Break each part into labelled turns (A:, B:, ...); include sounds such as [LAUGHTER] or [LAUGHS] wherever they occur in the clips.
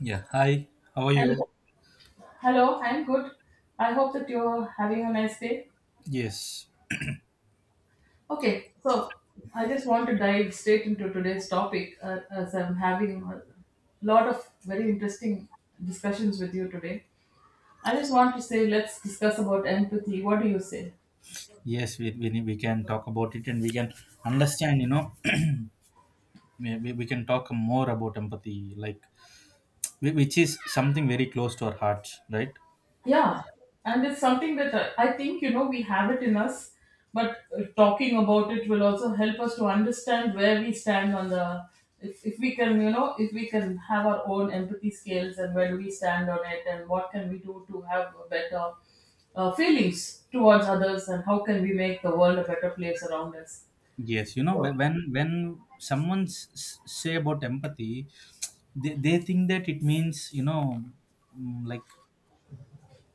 A: Yeah. Hi. How are you?
B: Hello, hello, I'm good. I hope that you're having a nice day.
A: Yes.
B: Okay, so I just want to dive straight into today's topic as I'm having a lot of very interesting discussions with you today. I just want to say, let's discuss about empathy. What do you say?
A: Yes. We can talk about it and we can understand. [CLEARS THROAT] we can talk more about empathy, like which is something very close to our hearts, right?
B: Yeah, and it's something that I think we have it in us, but talking about it will also help us to understand where we stand on the if we can if we can have our own empathy scales and where do we stand on it and what can we do to have a better feelings towards others and how can we make the world a better place around us.
A: Yes. You know, when someone s- s- say about empathy, they think that it means mm, like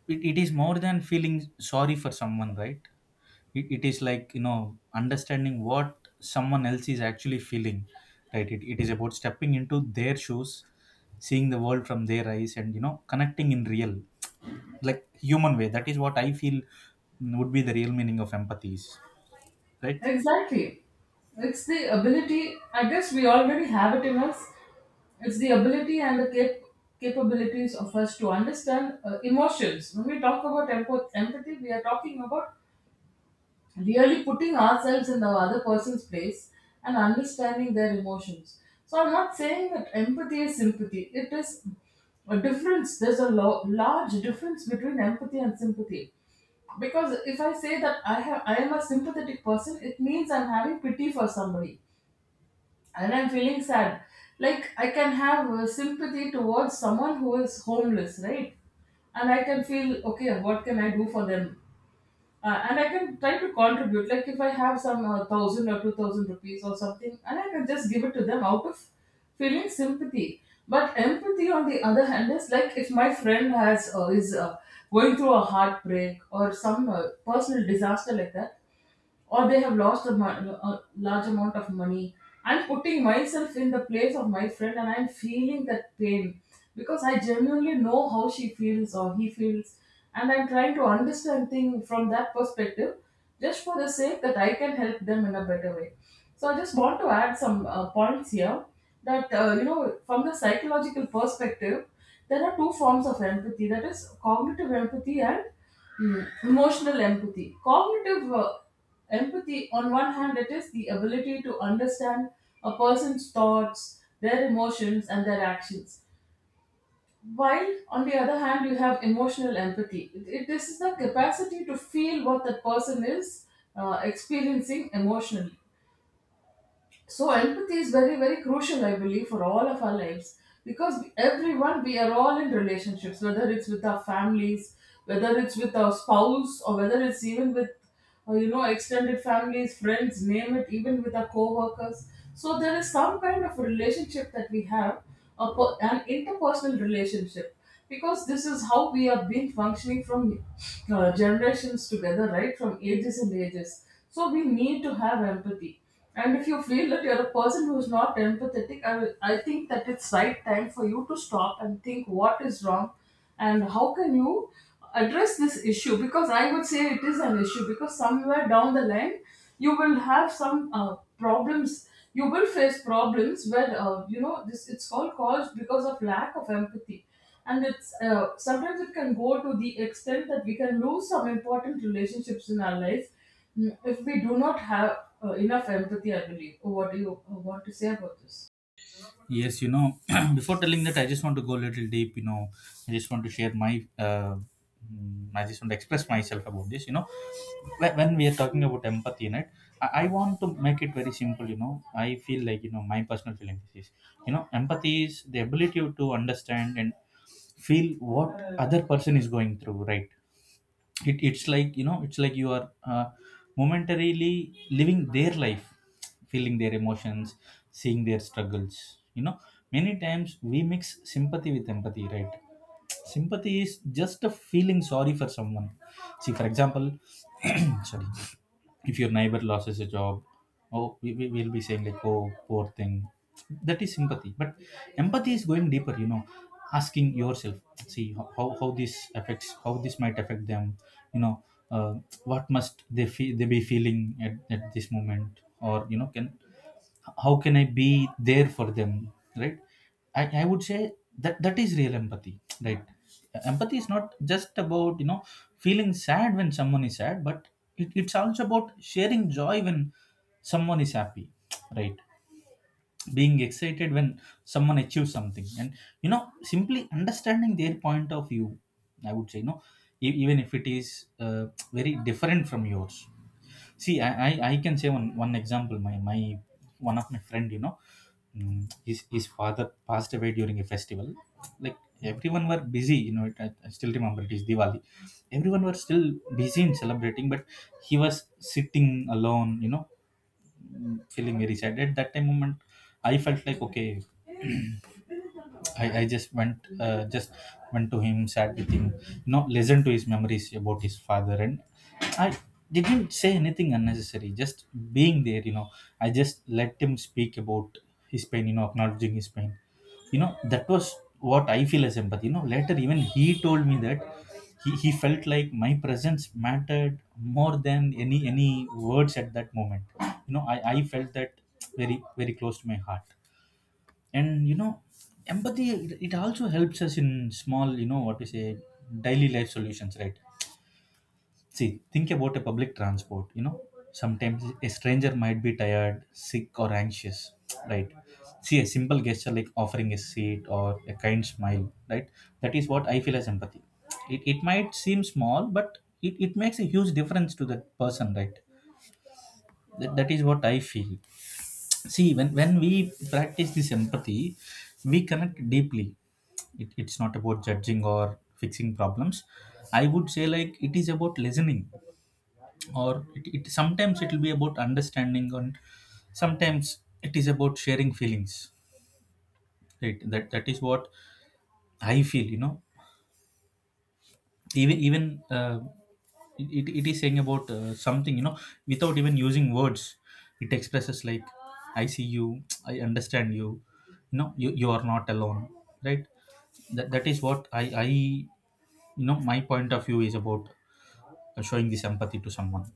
A: it, it is more than feeling sorry for someone, right? It is like understanding what someone else is actually feeling, right? It is about stepping into their shoes, seeing the world from their eyes, and connecting in real, like, human way. That is what I feel would be the real meaning of empathy is, right?
B: Exactly. It's the ability, I guess we already have it in us. It's the ability and the capabilities of us to understand emotions. When we talk about empathy, we are talking about really putting ourselves in the other person's place and understanding their emotions. So I'm not saying that empathy is sympathy. It is a difference. There's a large difference between empathy and sympathy. Because if I say that I am a sympathetic person, it means I'm having pity for somebody and I'm feeling sad. Like I can have sympathy towards someone who is homeless, right? And I can feel okay. What can I do for them? And I can try to contribute. Like if I have some 1,000 or 2,000 rupees or something, and I can just give it to them out of feeling sympathy. But empathy, on the other hand, is like if my friend has is going through a heartbreak or some personal disaster like that, or they have lost a large amount of money. I'm putting myself in the place of my friend and I'm feeling that pain because I genuinely know how she feels or he feels, and I'm trying to understand things from that perspective, just for the sake that I can help them in a better way. So I just want to add some points here that from the psychological perspective, there are two forms of empathy, that is cognitive empathy and Mm. emotional empathy. Cognitive empathy, on one hand, it is the ability to understand a person's thoughts, their emotions, and their actions. While, on the other hand, you have emotional empathy. This is the capacity to feel what that person is experiencing emotionally. So empathy is very, very crucial, I believe, for all of our lives, because everyone, we are all in relationships, whether it's with our families, whether it's with our spouse, or whether it's even with extended families, friends, name it, even with our co-workers. So there is some kind of relationship that we have, an interpersonal relationship, because this is how we have been functioning from generations together, right, from ages and ages. So we need to have empathy, and if you feel that you're a person who is not empathetic, I think that it's right time for you to stop and think what is wrong and how can you address this issue, because I would say it is an issue, because somewhere down the line you will have some problems. You will face problems where this. It's all caused because of lack of empathy, and it's sometimes it can go to the extent that we can lose some important relationships in our life, if we do not have enough empathy, I believe. Oh, what do you want to say about this?
A: Yes, you know, [CLEARS THROAT] before telling that, I just want to go a little deep. You know, I just want to share I just want to express myself about this. You know, like, when we are talking about empathy, right? I want to make it very simple. You know, I feel like my personal feeling is, you know, empathy is the ability to understand and feel what other person is going through, right? It's like it's like you are momentarily living their life, feeling their emotions, seeing their struggles. You know, many times we mix sympathy with empathy, right? Sympathy is just a feeling sorry for someone. See, for example, [CLEARS THROAT] sorry, if your neighbor loses a job, oh, we will be saying like, oh, poor thing. That is sympathy. But empathy is going deeper, you know, asking yourself, see, how this might affect them, you know, uh, what must they be feeling at this moment, or you know, can how can I be there for them, right? I would say that that is real empathy, right? Empathy is not just about feeling sad when someone is sad, but it, it's also about sharing joy when someone is happy, right? Being excited when someone achieves something, and you know, simply understanding their point of view. I would say, you know, even if it is very different from yours. See, I can say one example. My one of my friend, you know, his father passed away during a festival. Like, everyone were busy, you know. It, I still remember it is Diwali. Everyone were still busy in celebrating, but he was sitting alone, you know, feeling very sad. At that time moment, I felt like, okay, I just went to him, sat with him, you know, listened to his memories about his father, and I didn't say anything unnecessary. Just being there, you know, I just let him speak about his pain, you know, acknowledging his pain. You know, that was what I feel as empathy. You know, later, even he told me that he felt like my presence mattered more than any words at that moment. You know, I felt that very close to my heart. And you know, empathy, it also helps us in small, you know, what we say, daily life solutions, right? See, think about a public transport. You know, sometimes a stranger might be tired, sick, or anxious, right? See, a simple gesture like offering a seat or a kind smile, right? That is what I feel as empathy. It might seem small, but it makes a huge difference to that person, right? That, that is what I feel. See, when we practice this empathy, we connect deeply. It, it's not about judging or fixing problems. I would say, like, it is about listening, or it sometimes it will be about understanding, and sometimes it is about sharing feelings. Right? That, that is what I feel, you know. Even even uh, it, it is saying about something, you know, without even using words. It expresses like, I see you, I understand you, you know, you are not alone. Right? That, that is what I my point of view is about, showing this empathy to someone.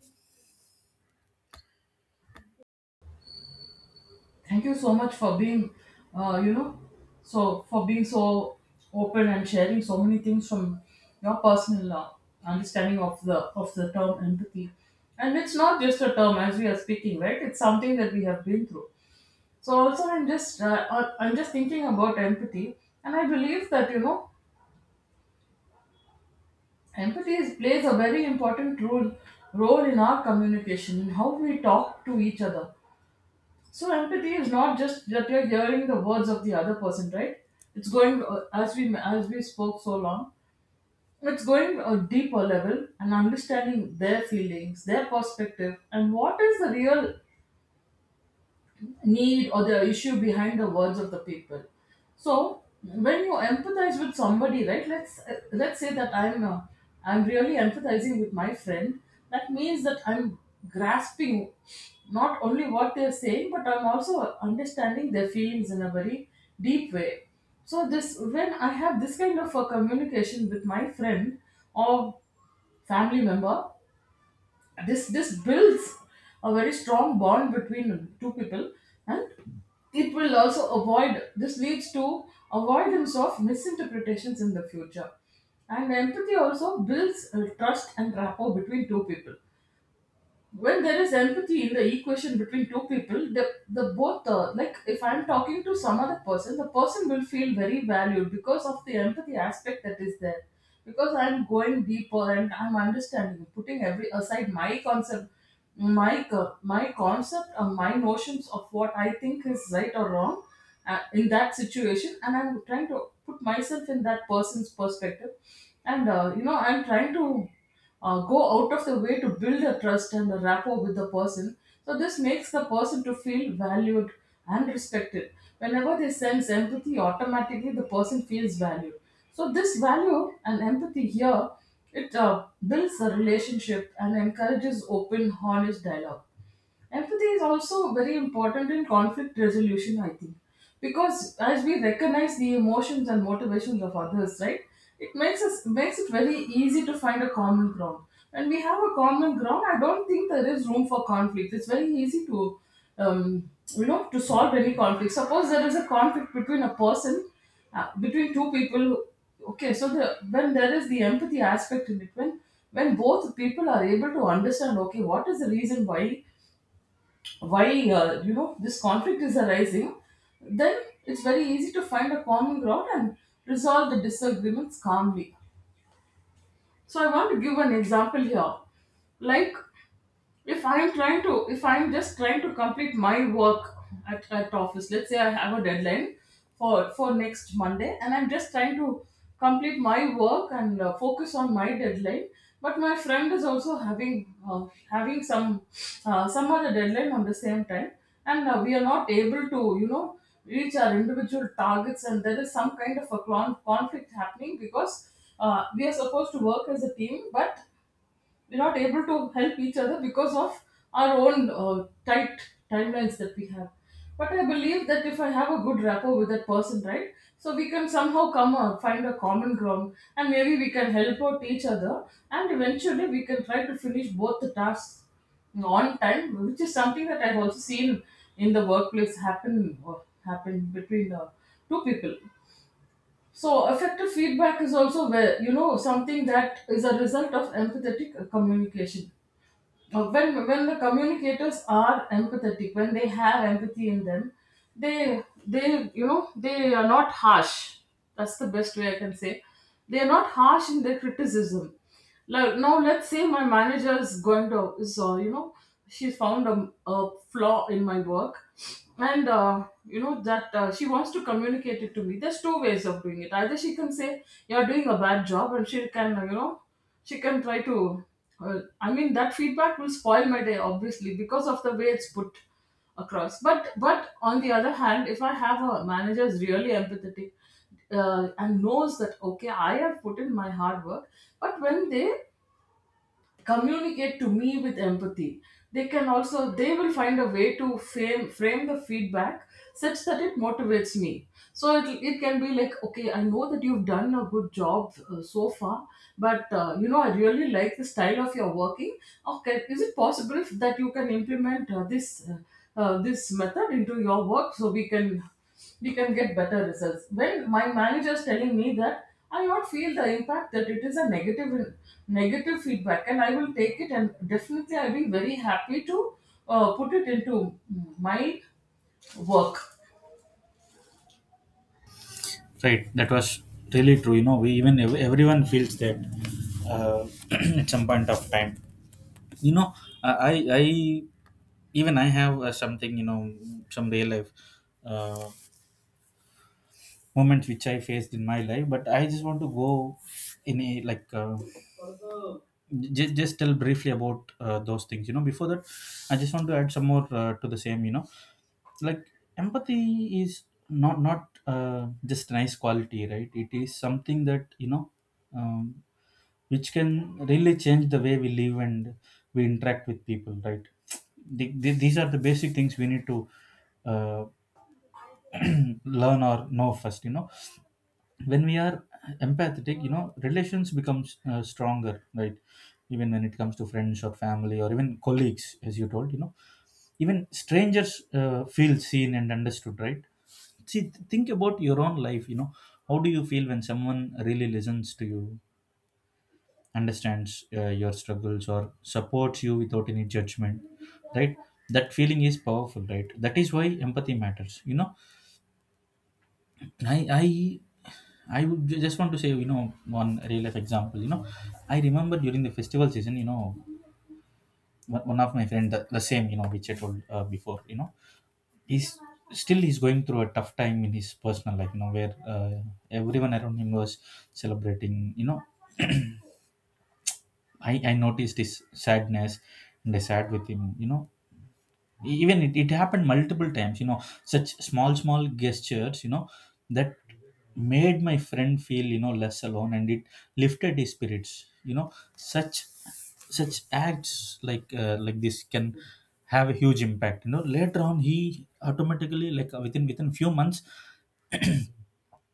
B: Thank you so much for being, you know, so for being so open and sharing so many things from your personal understanding of the term empathy. And it's not just a term as we are speaking, right? It's something that we have been through. So also, I'm just thinking about empathy, and I believe that empathy is, plays a very important role in our communication, in how we talk to each other. So, empathy is not just that you're hearing the words of the other person, right? It's going, as we spoke so long, it's going a deeper level and understanding their feelings, their perspective, and what is the real need or the issue behind the words of the people. So when you empathize with somebody, right, let's say that I'm really empathizing with my friend. That means that I'm grasping not only what they're saying, but I'm also understanding their feelings in a very deep way. So this when I have this kind of a communication with my friend or family member, this builds a very strong bond between two people, and it will also avoid this leads to avoidance of misinterpretations in the future. And empathy also builds trust and rapport between two people. When there is empathy in the equation between two people, the both like if I'm talking to some other person, the person will feel very valued because of the empathy aspect that is there, because I'm going deeper and I'm understanding, putting every aside my concept, my concept or my notions of what I think is right or wrong in that situation, and I'm trying to put myself in that person's perspective, and I'm trying to go out of the way to build a trust and a rapport with the person. So this makes the person to feel valued and respected. Whenever they sense empathy, automatically the person feels valued. So this value and empathy here, it builds a relationship and encourages open, honest dialogue. Empathy is also very important in conflict resolution, I think, because as we recognize the emotions and motivations of others, right, it makes it very easy to find a common ground. When we have a common ground, I don't think there is room for conflict. It's very easy um, to solve any conflict. Suppose there is a conflict between between two people. Okay, so the when there is the empathy aspect in it, when both people are able to understand, okay, what is the reason why this conflict is arising, then it's very easy to find a common ground and resolve the disagreements calmly. So I want to give an example here. Like, if I'm just trying to complete my work at office. Let's say I have a deadline for next Monday, and I'm just trying to complete my work and focus on my deadline, but my friend is also having some other deadline on the same time, and we are not able to reach our individual targets, and there is some kind of a conflict happening because we are supposed to work as a team, but we're not able to help each other because of our own tight timelines that we have. But I believe that if I have a good rapport with that person, right, so we can somehow come up, find a common ground and maybe we can help out each other, and eventually we can try to finish both the tasks on time, which is something that I've also seen in the workplace happen between two people. So effective feedback is also where something that is a result of empathetic communication. When the communicators are empathetic, when they have empathy in them, they they are not harsh, that's the best way I can say. They are not harsh in their criticism. Like, now let's say my manager is going to is you know she's found a flaw in my work, and you know that she wants to communicate it to me. There's two ways of doing it. Either she can say you're doing a bad job, and she can she can try to I mean, that feedback will spoil my day, obviously, because of the way it's put across. But on the other hand, if I have a manager is really empathetic, and knows that okay, I have put in my hard work, but when they communicate to me with empathy, they can also, they will find a way to frame the feedback such that it motivates me. So it can be like, okay, I know that you've done a good job so far, but I really like the style of your working. Okay, is it possible that you can implement this method into your work, so we can get better results? When my manager is telling me that, I will not feel the impact that it is a negative feedback, and I will take it, and definitely I'll be very happy to put it into my work.
A: Right? That was really true, you know. We even everyone feels that, uh, [CLEARS THROAT] at some point of time, you know. I i I- even i have something, you know, some real life uh, moments which I faced in my life. But I just want to go in a, like, just tell briefly about those things, you know. Before that, I just want to add some more, to the same, you know, like empathy is not just nice quality, right? It is something that, you know, um, which can really change the way we live and we interact with people, right? These are the basic things we need to uh, [CLEARS THROAT] learn or know first, you know. When we are empathetic, you know, relations becomes stronger, right? Even when it comes to friends or family or even colleagues, as you told, you know, even strangers feel seen and understood, right? See, think about your own life. You know, how do you feel when someone really listens to you, understands your struggles, or supports you without any judgment? Right? That feeling is powerful, right? That is why empathy matters, you know. I i i would just want to say, you know, one real life example. You know, I remember during the festival season, you know, one of my friend, the same, you know, which I told before. You know, he's still, he's going through a tough time in his personal life, you know, where everyone around him was celebrating. You know, I noticed his sadness and I sat with him. You know, even it, it happened multiple times, you know. Such small small gestures, you know, that made my friend feel, you know, less alone, and it lifted his spirits. You know, such such acts, like, like this can have a huge impact. You know, later on, he automatically, like, within few months,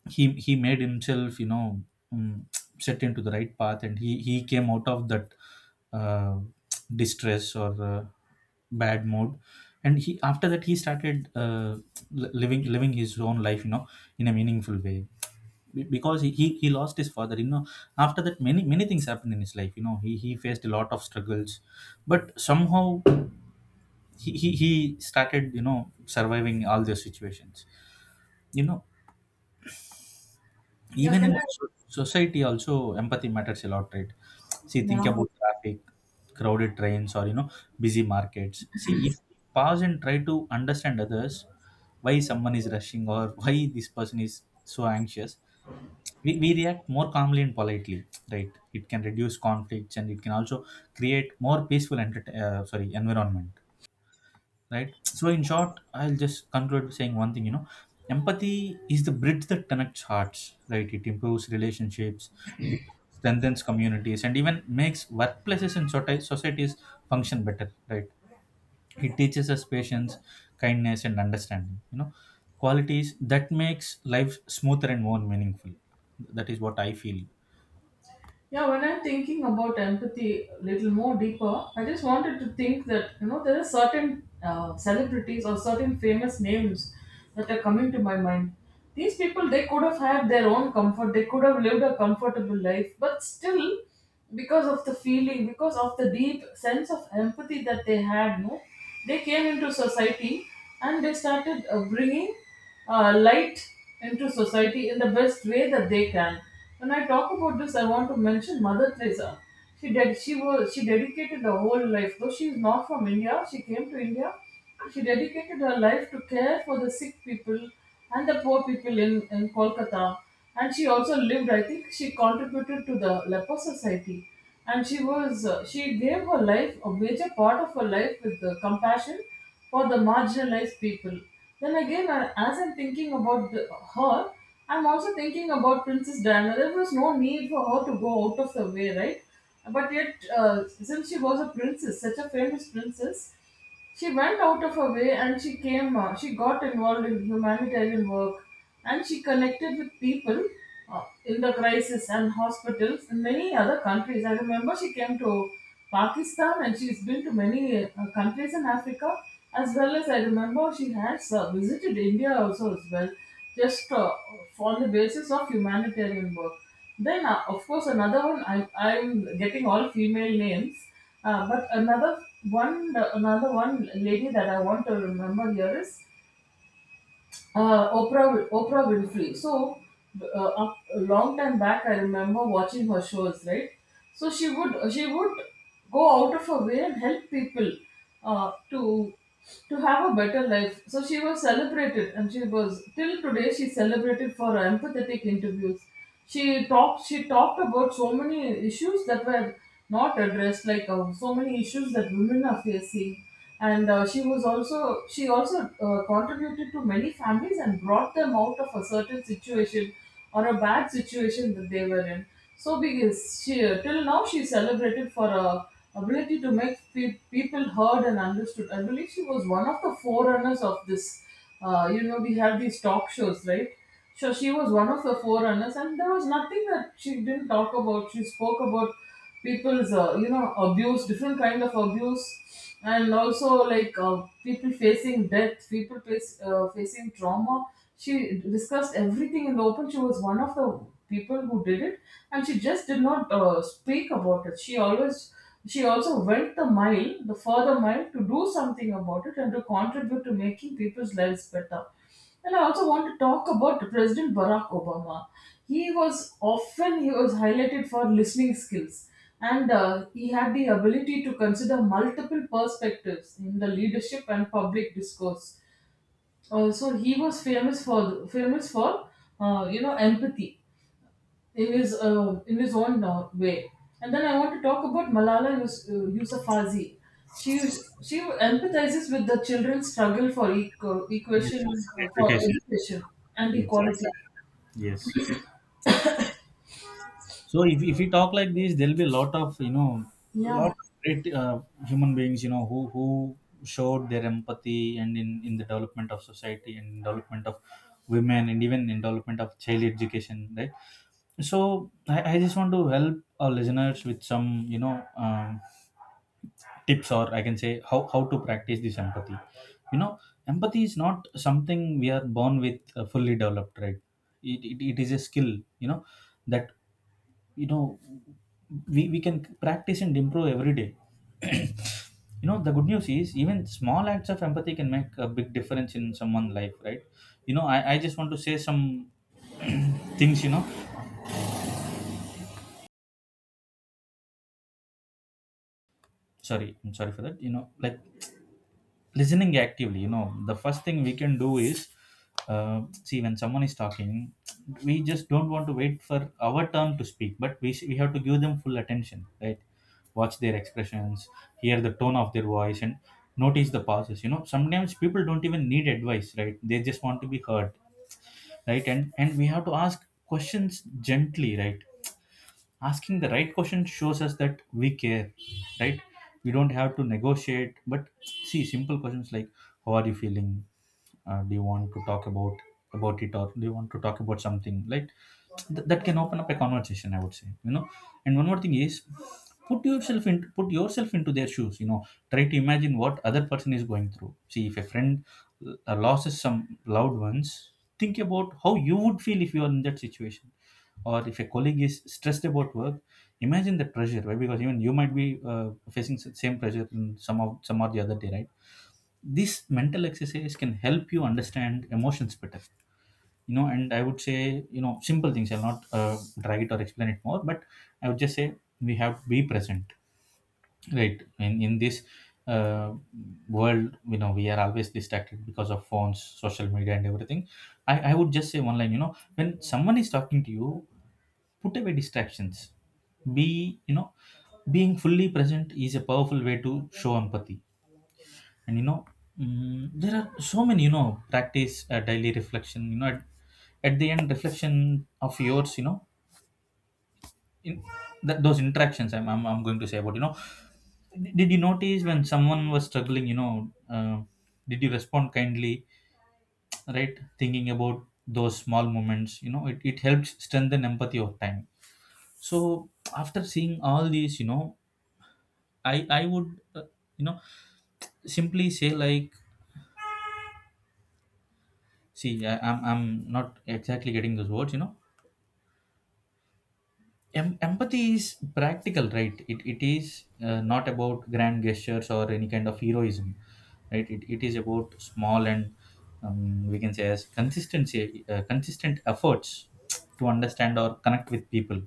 A: he made himself, you know, um, [TSK] set into the right path, and he came out of that, uh, distress or, bad mood. And he, after that, he started, living his own life, you know, in a meaningful way. Because he lost his father, you know. After that, many many things happened in his life, you know. He faced a lot of struggles, but somehow he started, you know, surviving all those situations, you know.
B: Yeah,
A: Even
B: can
A: in
B: I?
A: society also, empathy matters a lot, right? See, think
B: Yeah.
A: about traffic, crowded trains, or you know, busy markets. See, if we pause and try to understand others, why someone is rushing, or [LAUGHS] why this person is so anxious, we react more calmly and politely, right? It can reduce conflicts and it can also create more peaceful enter- sorry environment, right? So in short, I'll just conclude with saying one thing. You know, empathy is the bridge that connects hearts, right? It improves relationships, it strengthens communities, and even makes workplaces and societies function better, right? It teaches us patience, kindness, and understanding, you know, qualities that makes life smoother and more meaningful. That is what I feel.
B: Yeah, when I'm thinking about empathy a little more deeper, I just wanted to think that, you know, there are certain celebrities or certain famous names that are coming to my mind. These people, they could have had their own comfort, they could have lived a comfortable life, but still, because of the feeling, because of the deep sense of empathy that they had, no, they came into society and they started bringing light into society in the best way that they can. When I talk about this, I want to mention Mother Teresa. She did. She was. She dedicated her whole life. Though she is not from India, she came to India. She dedicated her life to care for the sick people and the poor people in Kolkata. And she also lived. I think she contributed to the leper society, and she was she gave her life, a major part of her life, with the compassion for the marginalized people. Then again, as I'm thinking about her, I'm also thinking about Princess Diana. There was no need for her to go out of the way, right? But yet, since she was a princess, such a famous princess, she went out of her way and she she got involved in humanitarian work, and she connected with people in the crisis and hospitals in many other countries. I remember she came to Pakistan, and she's been to many countries in Africa, as well as I remember she has visited India also as well, just on the basis of humanitarian work. Then, of course, another one. I'm getting all female names, but one, another one lady that I want to remember here is Oprah Winfrey. So, a long time back, I remember watching her shows, right? So she would go out of her way and help people uh, to to have a better life. So she was celebrated, and she was, till today she celebrated for her empathetic interviews. She talked about so many issues that were not addressed, like so many issues that women are facing. And she was also, she also contributed to many families and brought them out of a certain situation or a bad situation that they were in. So because she, till now she celebrated for her ability to make pe- people heard and understood, I believe she was one of the forerunners of this, we have these talk shows, right? So she was one of the forerunners, and there was nothing that she didn't talk about. She spoke about people's abuse, different kind of abuse, and also like people facing death, people facing trauma. She discussed everything in the open. She was one of the people who did it, and she just did not speak about it. She always, she also went the mile, the further mile, to do something about it and to contribute to making people's lives better. And I also want to talk about President Barack Obama. He was often, he was highlighted for listening skills, and he had the ability to consider multiple perspectives in the leadership and public discourse. So he was famous for empathy in his own way. And then I want to talk about Yousafzai. She she empathizes with the children's struggle for
A: Yes.
B: equation, for
A: Education.
B: education and equality.
A: Exactly. Yes. So if we talk like this, there'll be a lot of, you know, lot
B: Yeah,
A: of great human beings, you know, who showed their empathy and in the development of society, and in development of women, and even in development of child education, right? So I just want to help our listeners with some, you know, tips, or I can say how to practice this empathy. You know, empathy is not something we are born with fully developed, right? It is a skill, you know that you know we can practice and improve every day. [CLEARS THROAT] you know the good news is, even small acts of empathy can make a big difference in someone's life, right? I just want to say some [CLEARS THROAT] things. Sorry I'm sorry for that. Listening actively, the first thing we can do is see, when someone is talking we just don't want to wait for our turn to speak, but we have to give them full attention, right? Watch their expressions, hear the tone of their voice, and notice the pauses. Sometimes people don't even need advice, right? They just want to be heard. Right, and we have to ask questions gently, right? Asking the right question shows us that we care. Right, we don't have to negotiate, but see, simple questions like, how are you feeling? Do you want to talk about it, or do you want to talk about something like that, can open up a conversation, I would say. And one more thing is, put yourself in, put yourself into their shoes. Try to imagine what other person is going through. See, if a friend loses some loved ones, think about how you would feel if you are in that situation. Or if a colleague is stressed about work, imagine the pressure, right? Because even you might be facing the same pressure in some of some or the other day, right? This mental exercise can help you understand emotions better. And I would say, simple things. I'll not drag it or explain it more, but I would just say, we have to be present, right? In this uh, world, we are always distracted because of phones, social media, and everything. I would just say one line. When someone is talking to you, put away distractions, be, being fully present is a powerful way to show empathy. And there are so many, practice daily reflection. At the end reflection of yours, in that, those interactions I'm going to say about. Did you notice when someone was struggling? Did you respond kindly? Right, thinking about those small moments, it helps strengthen empathy over time. So after seeing all these, I would you know simply say, like, see, I'm not exactly getting those words. Empathy is practical, right? It is not about grand gestures or any kind of heroism. Right, it is about small, and we can say as consistency, consistent efforts to understand or connect with people,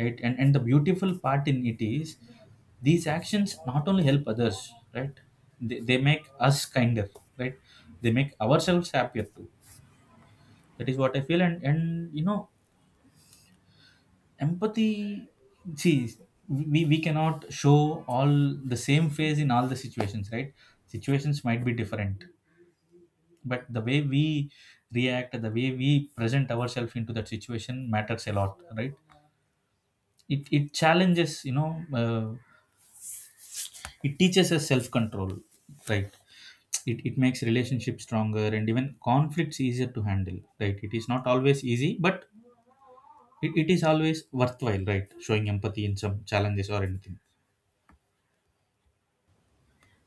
A: right? And the beautiful part in it is, these actions not only help others, right? They make us kinder, right? They make ourselves happier too. That is what I feel. And empathy, see, we cannot show all the same face in all the situations, right? Situations might be different, but the way we react, the way we present ourselves into that situation matters a lot, right? It challenges, uh, it teaches us self-control. Right, it makes relationships stronger and even conflicts easier to handle. Right, it is not always easy, but it is always worthwhile, right? Showing empathy in some challenges or anything.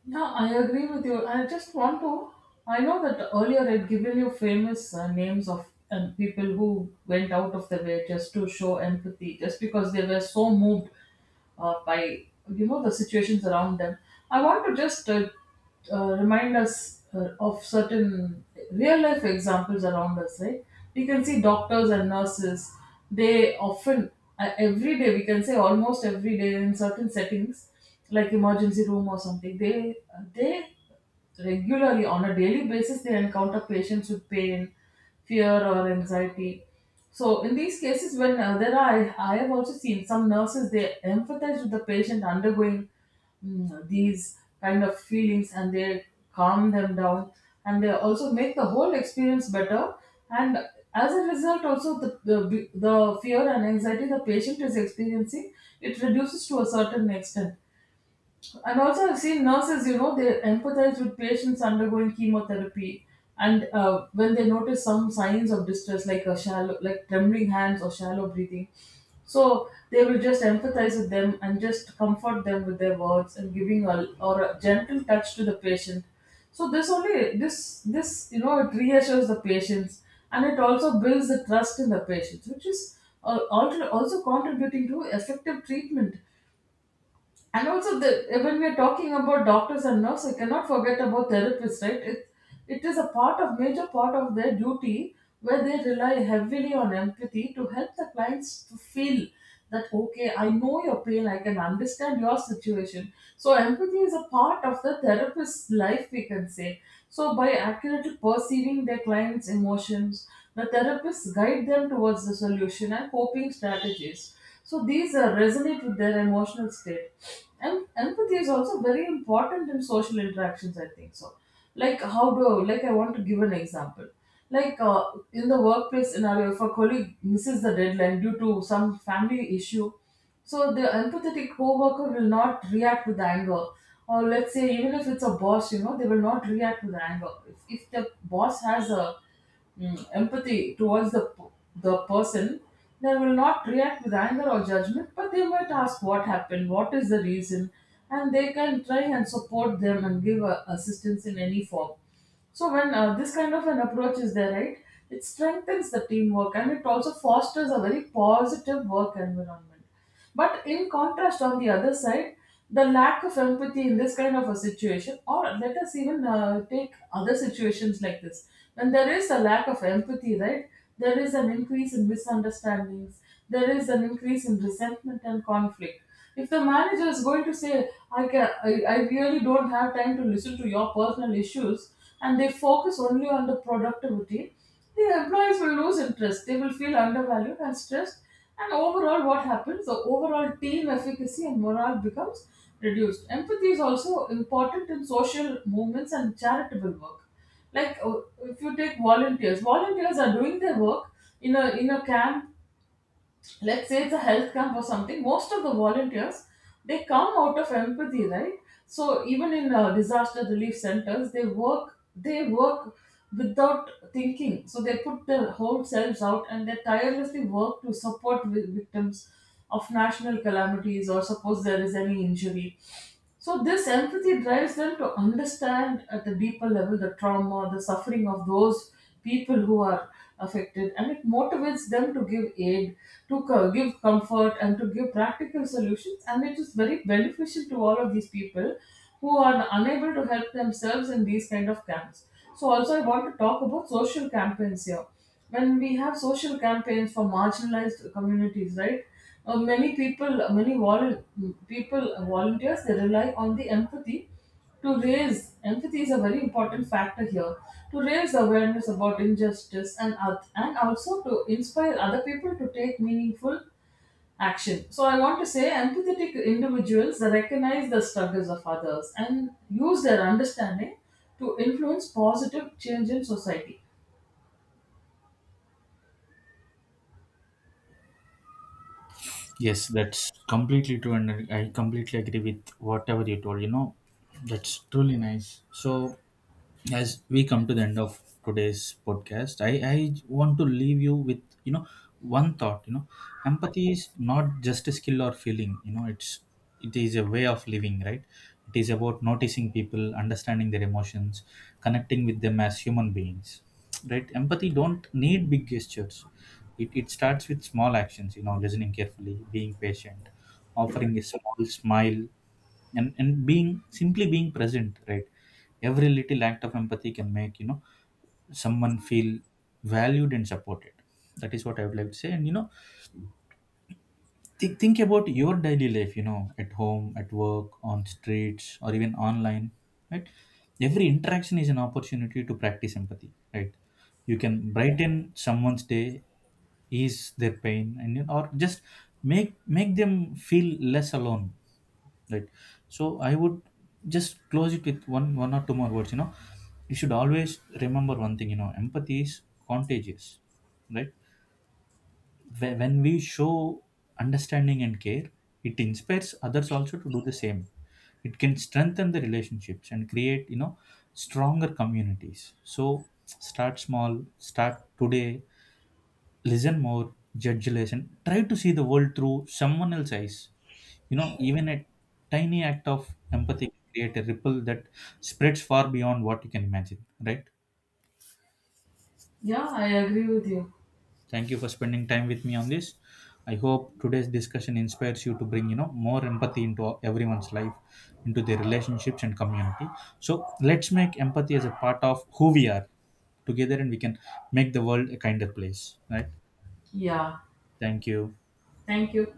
B: yeah, I agree with you. I just want to. I know that earlier I'd given you famous names of people who went out of their way just to show empathy, just because they were so moved by you know the situations around them. I want to just remind us of certain real life examples around us, right? We can see doctors and nurses. They often, every day, we can say almost every day in certain settings, like emergency room or something. They regularly, on a daily basis, they encounter patients with pain, fear, or anxiety. So in these cases, when there are, I have also seen some nurses, they empathize with the patient undergoing, mm, these kind of feelings, and they calm them down, and they also make the whole experience better. And as a result, also the fear and anxiety the patient is experiencing, it reduces to a certain extent. And also, I've seen nurses, you know, they empathize with patients undergoing chemotherapy. And when they notice some signs of distress, like a shallow, like trembling hands or shallow breathing, so they will just empathize with them and just comfort them with their words and giving a, or a gentle touch to the patient. So this only, this you know, it reassures the patients, and it also builds the trust in the patients, which is also contributing to effective treatment. And also, the, when we are talking about doctors and nurses, I cannot forget about therapists, right? It is a part, of major part of their duty, where they rely heavily on empathy to help the clients to feel that okay, I know your pain, I can understand your situation. So empathy is a part of the therapist's life, we can say. So by accurately perceiving their clients' emotions, the therapists guide them towards the solution and coping strategies. So these resonate with their emotional state. And empathy is also very important in social interactions, I think so. Like, how do, like, I want to give an example. Like, in the workplace scenario, if a colleague misses the deadline due to some family issue, so the empathetic co-worker will not react with anger. Or let's say even if it's a boss, you know, they will not react with anger. If the boss has a, mm, empathy towards the person, they will not react with anger or judgment, but they might ask what happened, what is the reason, and they can try and support them and give assistance in any form. So when this kind of an approach is there, right, it strengthens the teamwork, and it also fosters a very positive work environment. But in contrast, on the other side, the lack of empathy in this kind of a situation, or let us even take other situations like this, when there is a lack of empathy, right, there is an increase in misunderstandings, there is an increase in resentment and conflict. If the manager is going to say, I really don't have time to listen to your personal issues, and they focus only on the productivity, the employees will lose interest. They will feel undervalued and stressed. And overall, what happens? The overall team efficacy and morale becomes reduced. Empathy is also important in social movements and charitable work. Like if you take volunteers, volunteers are doing their work in a camp, let's say it's a health camp or something. Most of the volunteers, they come out of empathy, right? So even in disaster relief centers, they work without thinking. So they put their whole selves out, and they tirelessly work to support victims of national calamities, or suppose there is any injury. So this empathy drives them to understand at the deeper level the trauma, the suffering of those people who are affected, and it motivates them to give aid, to give comfort, and to give practical solutions. And it is very beneficial to all of these people who are unable to help themselves in these kind of camps. So also, I want to talk about social campaigns here. When we have social campaigns for marginalized communities, right? Many people, volunteers, they rely on the empathy to raise. Empathy is a very important factor here to raise awareness about injustice and also to inspire other people to take meaningful action. So I want to say, empathetic individuals, they recognize the struggles of others and use their understanding to influence positive change in society.
A: Yes, that's completely true, and I completely agree with whatever you told. That's truly nice. So as we come to the end of today's podcast, I want to leave you with, one thought. Empathy is not just a skill or feeling. It's, it is a way of living, right? It is about noticing people, understanding their emotions, connecting with them as human beings, right? Empathy don't need big gestures. It starts with small actions. Listening carefully, being patient, offering a small smile, and being, simply being present, right? Every little act of empathy can make, someone feel valued and supported. That is what I would like to say. And think about your daily life, at home, at work, on streets, or even online, right? Every interaction is an opportunity to practice empathy, right? You can brighten someone's day, ease their pain, and, or just make, make them feel less alone, right? So I would just close it with one, one or two more words. You should always remember one thing. Empathy is contagious, right? When we show understanding and care, it inspires others also to do the same. It can strengthen the relationships and create, stronger communities. So start small, start today. Listen more, judge less, and try to see the world through someone else's eyes. You know, even a tiny act of empathy can create a ripple that spreads far beyond what you can imagine, right?
B: Yeah, I agree with you.
A: Thank you for spending time with me on this. I hope today's discussion inspires you to bring, you know, more empathy into everyone's life, into their relationships and community. So let's make empathy as a part of who we are together, and we can make the world a kinder place, right?
B: Yeah,
A: Thank you.
B: thank you.